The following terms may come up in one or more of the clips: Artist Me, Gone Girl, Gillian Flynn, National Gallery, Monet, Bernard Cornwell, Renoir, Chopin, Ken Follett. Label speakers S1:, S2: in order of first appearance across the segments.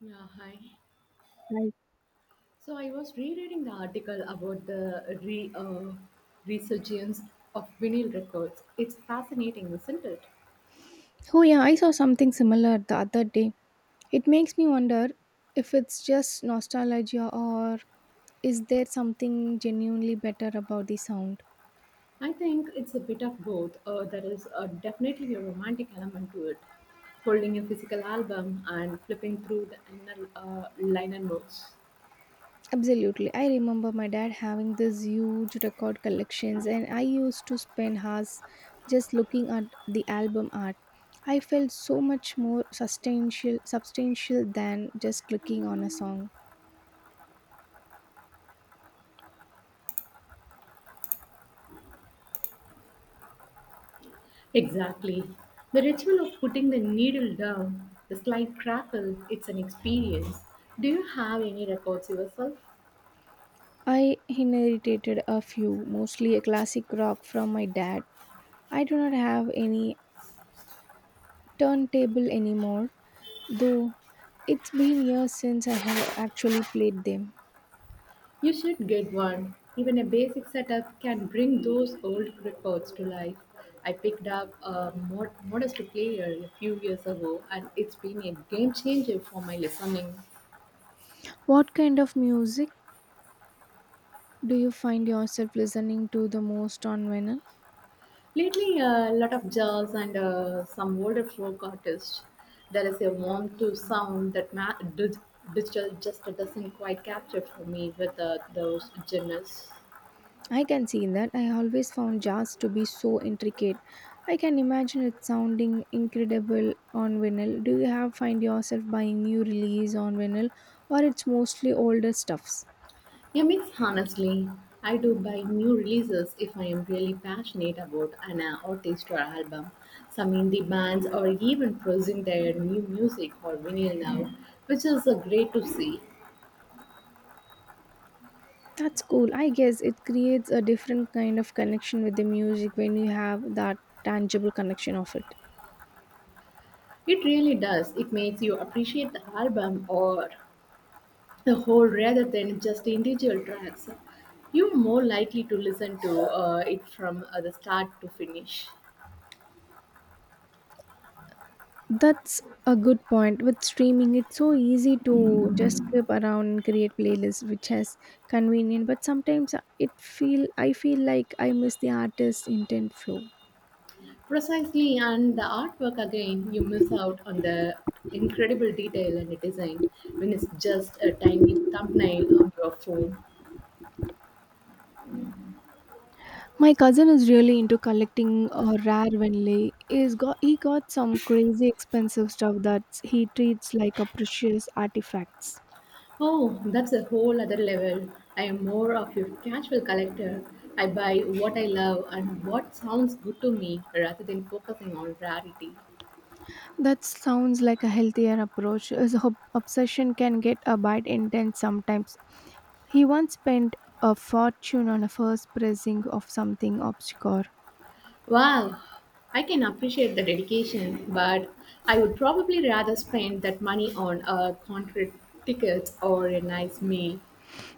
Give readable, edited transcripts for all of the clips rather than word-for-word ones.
S1: Yeah, hi.
S2: Right.
S1: So I was rereading the article about the resurgence of vinyl records. It's fascinating, isn't it?
S2: Oh, yeah, I saw something similar the other day. It makes me wonder if it's just nostalgia or is there something genuinely better about the sound?
S1: I think it's a bit of both. There is definitely a romantic element to it, holding a physical album and flipping through the inner liner notes.
S2: Absolutely. I remember my dad having these huge record collections, and I used to spend hours just looking at the album art. I felt so much more substantial, than just clicking on a song.
S1: Exactly. The ritual of putting the needle down, the slight crackle, it's an experience. Do you have any records yourself?
S2: I inherited a few, mostly a classic rock from my dad. I do not have any turntable anymore, though it's been years since I have actually played them.
S1: You should get one. Even a basic setup can bring those old records to life. I picked up a modest player a few years ago, and it's been a game changer for my listening.
S2: What kind of music do you find yourself listening to the most on vinyl?
S1: Lately, a lot of jazz and some older folk artists. There is a warmth to sound that digital just doesn't quite capture for me with those genres.
S2: I can see that. I always found jazz to be so intricate. I can imagine it sounding incredible on vinyl. Do you have find yourself buying new release on vinyl or it's mostly older stuffs?
S1: A mix, honestly. I do buy new releases if I am really passionate about an artist or album. Some indie bands are even producing their new music or vinyl now, which is great to see.
S2: That's cool. I guess it creates a different kind of connection with the music when you have that tangible connection of it.
S1: It really does. It makes you appreciate the album or the whole rather than just individual tracks. You're more likely to listen to it from the start to finish.
S2: That's a good point. With streaming, it's so easy to just skip around and create playlists, which is convenient. But sometimes it feel I feel like I miss the artist's intent flow.
S1: Precisely, and the artwork again, you miss out on the incredible detail and design when it's just a tiny thumbnail on your phone.
S2: My cousin is really into collecting rare Venley. He got some crazy expensive stuff that he treats like a precious artifacts.
S1: Oh, that's a whole other level. I am more of a casual collector. I buy what I love and what sounds good to me rather than focusing on rarity.
S2: That sounds like a healthier approach, as obsession can get a bit intense sometimes. He once spent a fortune on a first pressing of something obscure.
S1: Wow, I can appreciate the dedication, but I would probably rather spend that money on a concrete ticket or a nice meal.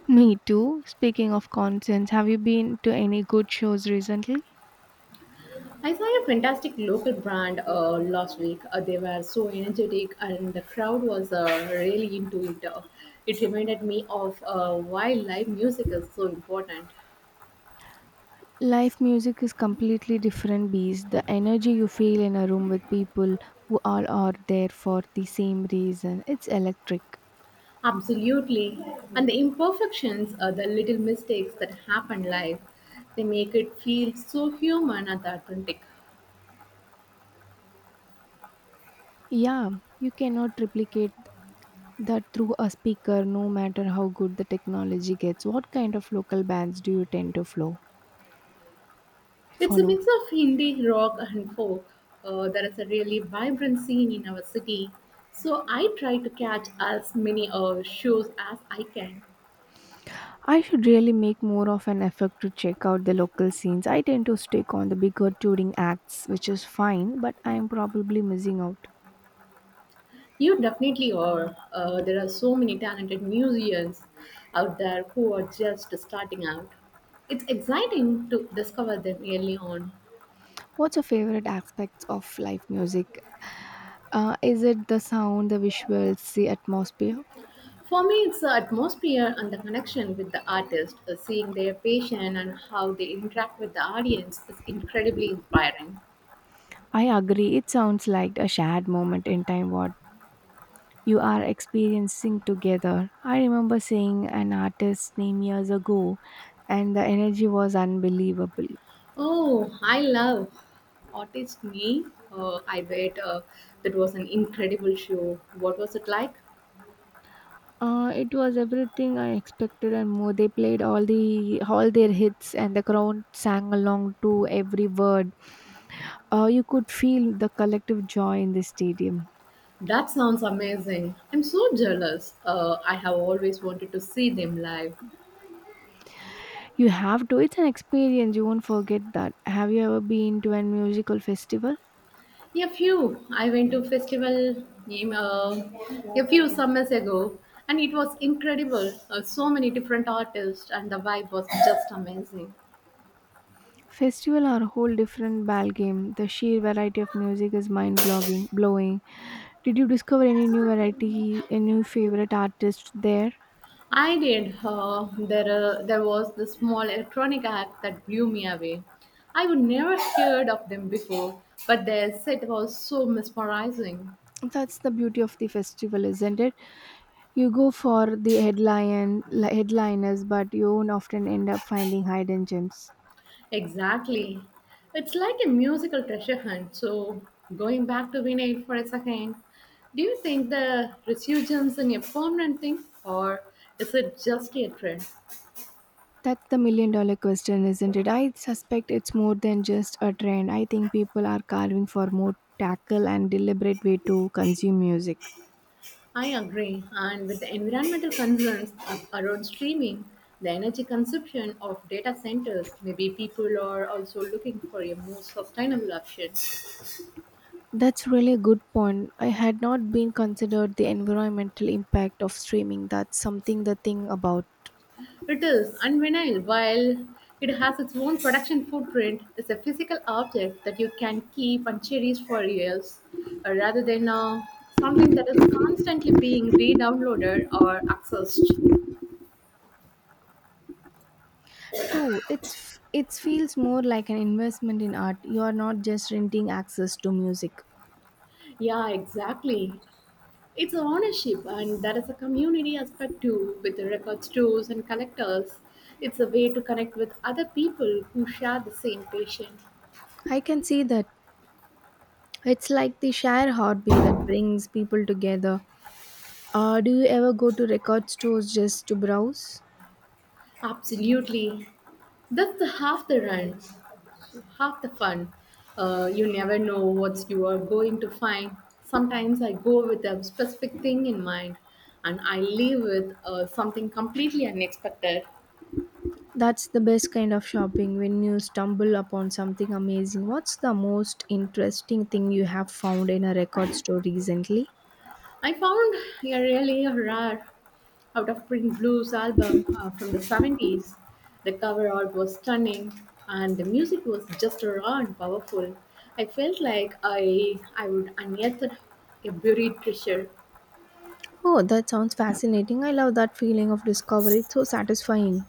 S2: Me too. Speaking of concerts, have you been to any good shows recently?
S1: I saw a fantastic local brand last week. They were so energetic, and the crowd was really into it. It reminded me of why live music is so important.
S2: Live music is completely different beast. The energy you feel in a room with people who all are there for the same reason, it's electric.
S1: Absolutely. And the imperfections, the little mistakes that happen live, they make it feel so human and authentic.
S2: Yeah, you cannot replicate that through a speaker, no matter how good the technology gets. What kind of local bands do you tend to flow?
S1: It's a
S2: Follow.
S1: mix of indie rock and folk. There is a really vibrant scene in our city. So I try to catch as many shows as I can.
S2: I should really make more of an effort to check out the local scenes. I tend to stick on the bigger touring acts, which is fine, but I am probably missing out.
S1: You definitely are. There are so many talented musicians out there who are just starting out. It's exciting to discover them early on.
S2: What's your favorite aspects of live music? Is it the sound, the visuals, the atmosphere?
S1: For me, it's the atmosphere and the connection with the artist, seeing their passion and how they interact with the audience is incredibly inspiring.
S2: I agree. It sounds like a shared moment in time. What you are experiencing together. I remember seeing an artist's name years ago, and the energy was unbelievable.
S1: Oh, I love Artist Me. I bet that was an incredible show. What was it like?
S2: It was everything I expected and more. They played all their hits, and the crowd sang along to every word. You could feel the collective joy in the stadium.
S1: That sounds amazing. I'm so jealous. I have always wanted to see them live.
S2: You have to. It's an experience. You won't forget that. Have you ever been to a musical festival?
S1: A few, I went to festival a few summers ago, and it was incredible. So many different artists, and the vibe was just amazing.
S2: Festival are a whole different ball game. The sheer variety of music is mind blowing. Did you discover any new variety, any favorite artist there?
S1: I did. There was this small electronic act that blew me away. I would never heard of them before, but their set was so mesmerizing.
S2: That's the beauty of the festival, isn't it? You go for the headliners, but you won't often end up finding hidden gems.
S1: Exactly. It's like a musical treasure hunt. So, going back to vinyl for a second, do you think the resurgence in a permanent thing or is it just a trend?
S2: That's the million dollar question, isn't it? I suspect it's more than just a trend. I think people are carving for more tackle and deliberate way to consume music.
S1: I agree. And with the environmental concerns of around streaming, the energy consumption of data centers, maybe people are also looking for a more sustainable option.
S2: That's really a good point. I had not been considered the environmental impact of streaming. That's something the thing about.
S1: It is, and vinyl, while it has its own production footprint, is a physical object that you can keep and cherish for years, rather than something that is constantly being re-downloaded or accessed.
S2: True, it feels more like an investment in art. You are not just renting access to music.
S1: Yeah, exactly. It's a ownership, and there is a community aspect too, with the record stores and collectors. It's a way to connect with other people who share the same passion.
S2: I can see that. It's like the shared hobby that brings people together. Do you ever go to record stores just to browse?
S1: Absolutely. That's the half the run, half the fun. You never know what you are going to find. Sometimes I go with a specific thing in mind, and I leave with something completely unexpected.
S2: That's the best kind of shopping when you stumble upon something amazing. What's the most interesting thing you have found in a record store recently?
S1: I found a really rare out of print blues album from the 70s. The cover art was stunning, and the music was just raw and powerful. I felt like I would unearth a buried treasure.
S2: Oh, that sounds fascinating. I love that feeling of discovery. It's so satisfying.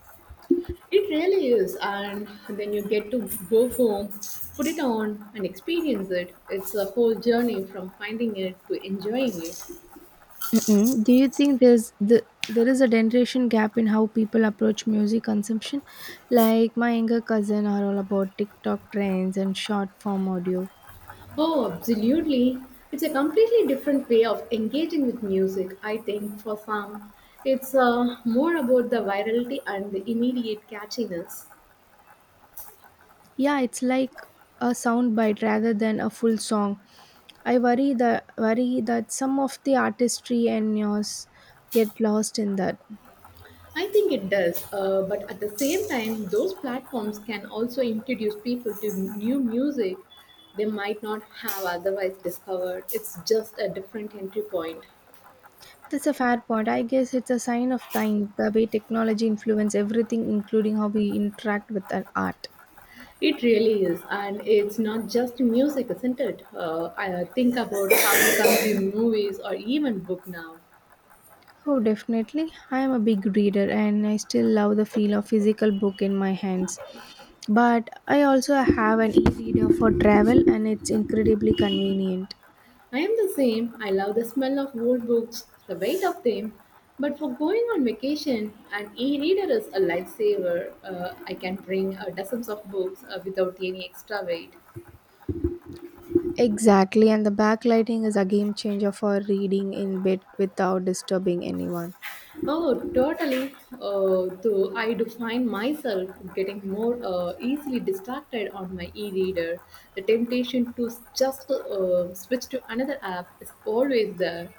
S1: It really is, and then you get to go home, put it on, and experience it. It's a whole journey from finding it to enjoying it.
S2: Mm-mm. Do you think the there is a generation gap in how people approach music consumption? Like my younger cousin are all about TikTok trends and short form audio.
S1: Oh, absolutely. It's a completely different way of engaging with music, I think, for some. It's more about the virality and the immediate catchiness.
S2: Yeah, it's like a soundbite rather than a full song. I worry that some of the artistry and yours get lost in that.
S1: I think it does, but at the same time, those platforms can also introduce people to new music they might not have otherwise discovered. It's just a different entry point.
S2: That's a fair point. I guess it's a sign of time, the way technology influence everything, including how we interact with our art.
S1: It really is, and it's not just music, isn't it? I think about how we consume movies or even book now.
S2: Oh, definitely. I am a big reader and I still love the feel of physical book in my hands. But I also have an e-reader for travel and it's incredibly convenient.
S1: I am the same. I love the smell of old books, the weight of them. But for going on vacation, an e reader is a lifesaver. I can bring dozens of books without any extra weight.
S2: Exactly, and the backlighting is a game changer for reading in bed without disturbing anyone.
S1: Oh, totally. Though I do find myself getting more easily distracted on my e reader. The temptation to just switch to another app is always there.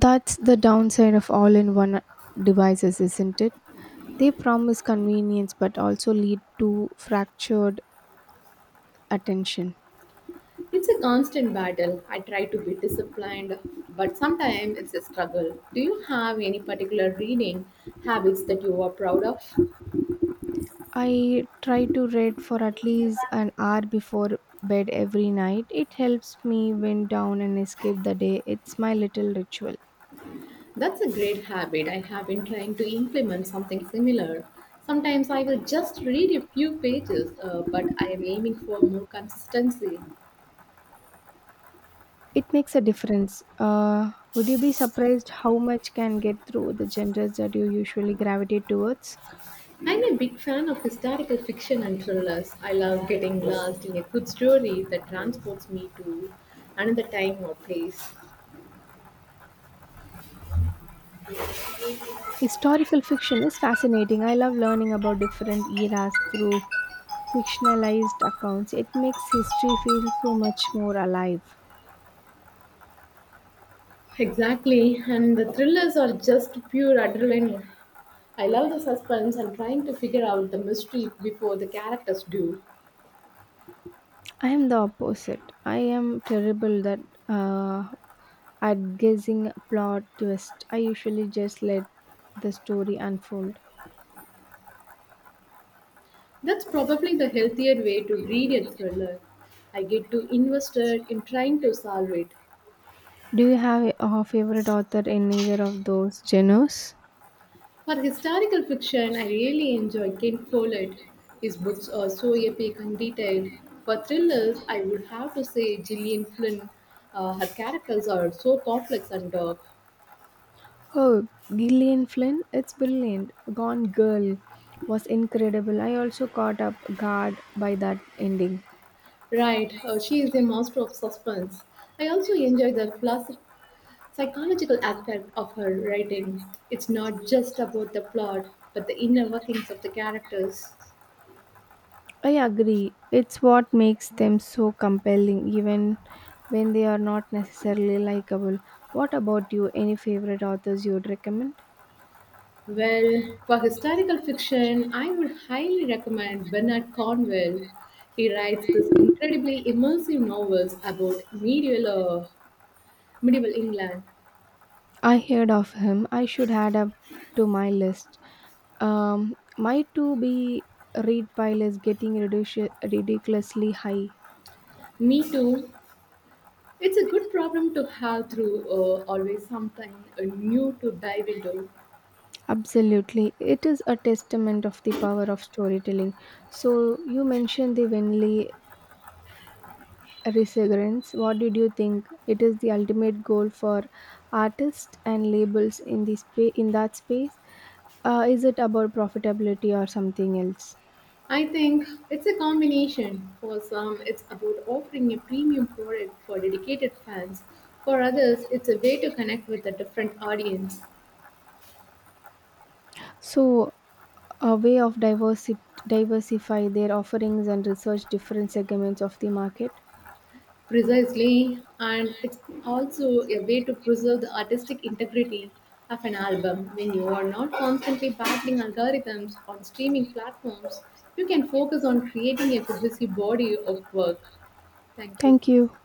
S2: That's the downside of all-in-one devices, isn't it? They promise convenience but also lead to fractured attention.
S1: It's a constant battle. I try to be disciplined, but sometimes it's a struggle. Do you have any particular reading habits that you are proud of?
S2: I try to read for at least an hour before bed every night. It helps me wind down and escape the day. It's my little ritual.
S1: That's a great habit. I have been trying to implement something similar. Sometimes I will just read a few pages, but I am aiming for more consistency.
S2: It makes a difference. Would you be surprised how much can get through the genres that you usually gravitate towards?
S1: I'm a big fan of historical fiction and thrillers. I love getting lost in a good story that transports me to another time or place.
S2: Historical fiction is fascinating. I love learning about different eras through fictionalized accounts. It makes history feel so much more alive.
S1: Exactly, and the thrillers are just pure adrenaline. I love the suspense and trying to figure out the mystery before the characters do.
S2: I am the opposite. I am terrible that uh, at guessing plot twist. I usually just let the story unfold.
S1: That's probably the healthier way to read a thriller. I get too invested in trying to solve it.
S2: Do you have a favorite author in either of those genres?
S1: For historical fiction, I really enjoy Ken Follett. His books are so epic and detailed. For thrillers, I would have to say Gillian Flynn. Her characters are so complex and dark.
S2: Oh, Gillian Flynn, it's brilliant. Gone Girl was incredible. I also caught up guard by that ending.
S1: Right, she is a master of suspense. I also enjoy the psychological aspect of her writing. It's not just about the plot, but the inner workings of the characters.
S2: I agree. It's what makes them so compelling, even when they are not necessarily likable. What about you? Any favorite authors you'd recommend?
S1: Well, for historical fiction, I would highly recommend Bernard Cornwell. He writes these incredibly immersive novels about medieval England.
S2: I heard of him. I should add up to my list. My to be read pile is getting ridiculously high.
S1: Me too. It's a good problem to have through, always something uh, new to dive into.
S2: Absolutely. It is a testament of the power of storytelling. So, you mentioned the Winley Resurgence, what did you think? It is the ultimate goal for artists and labels in in that space. Is it about profitability or something else?
S1: I think it's a combination. For some, it's about offering a premium product for dedicated fans. For others, it's a way to connect with a different audience.
S2: So, a way of diversify their offerings and research different segments of the market.
S1: Precisely, and it's also a way to preserve the artistic integrity of an album. When you are not constantly battling algorithms on streaming platforms, you can focus on creating a cohesive body of work. Thank you.
S2: Thank you.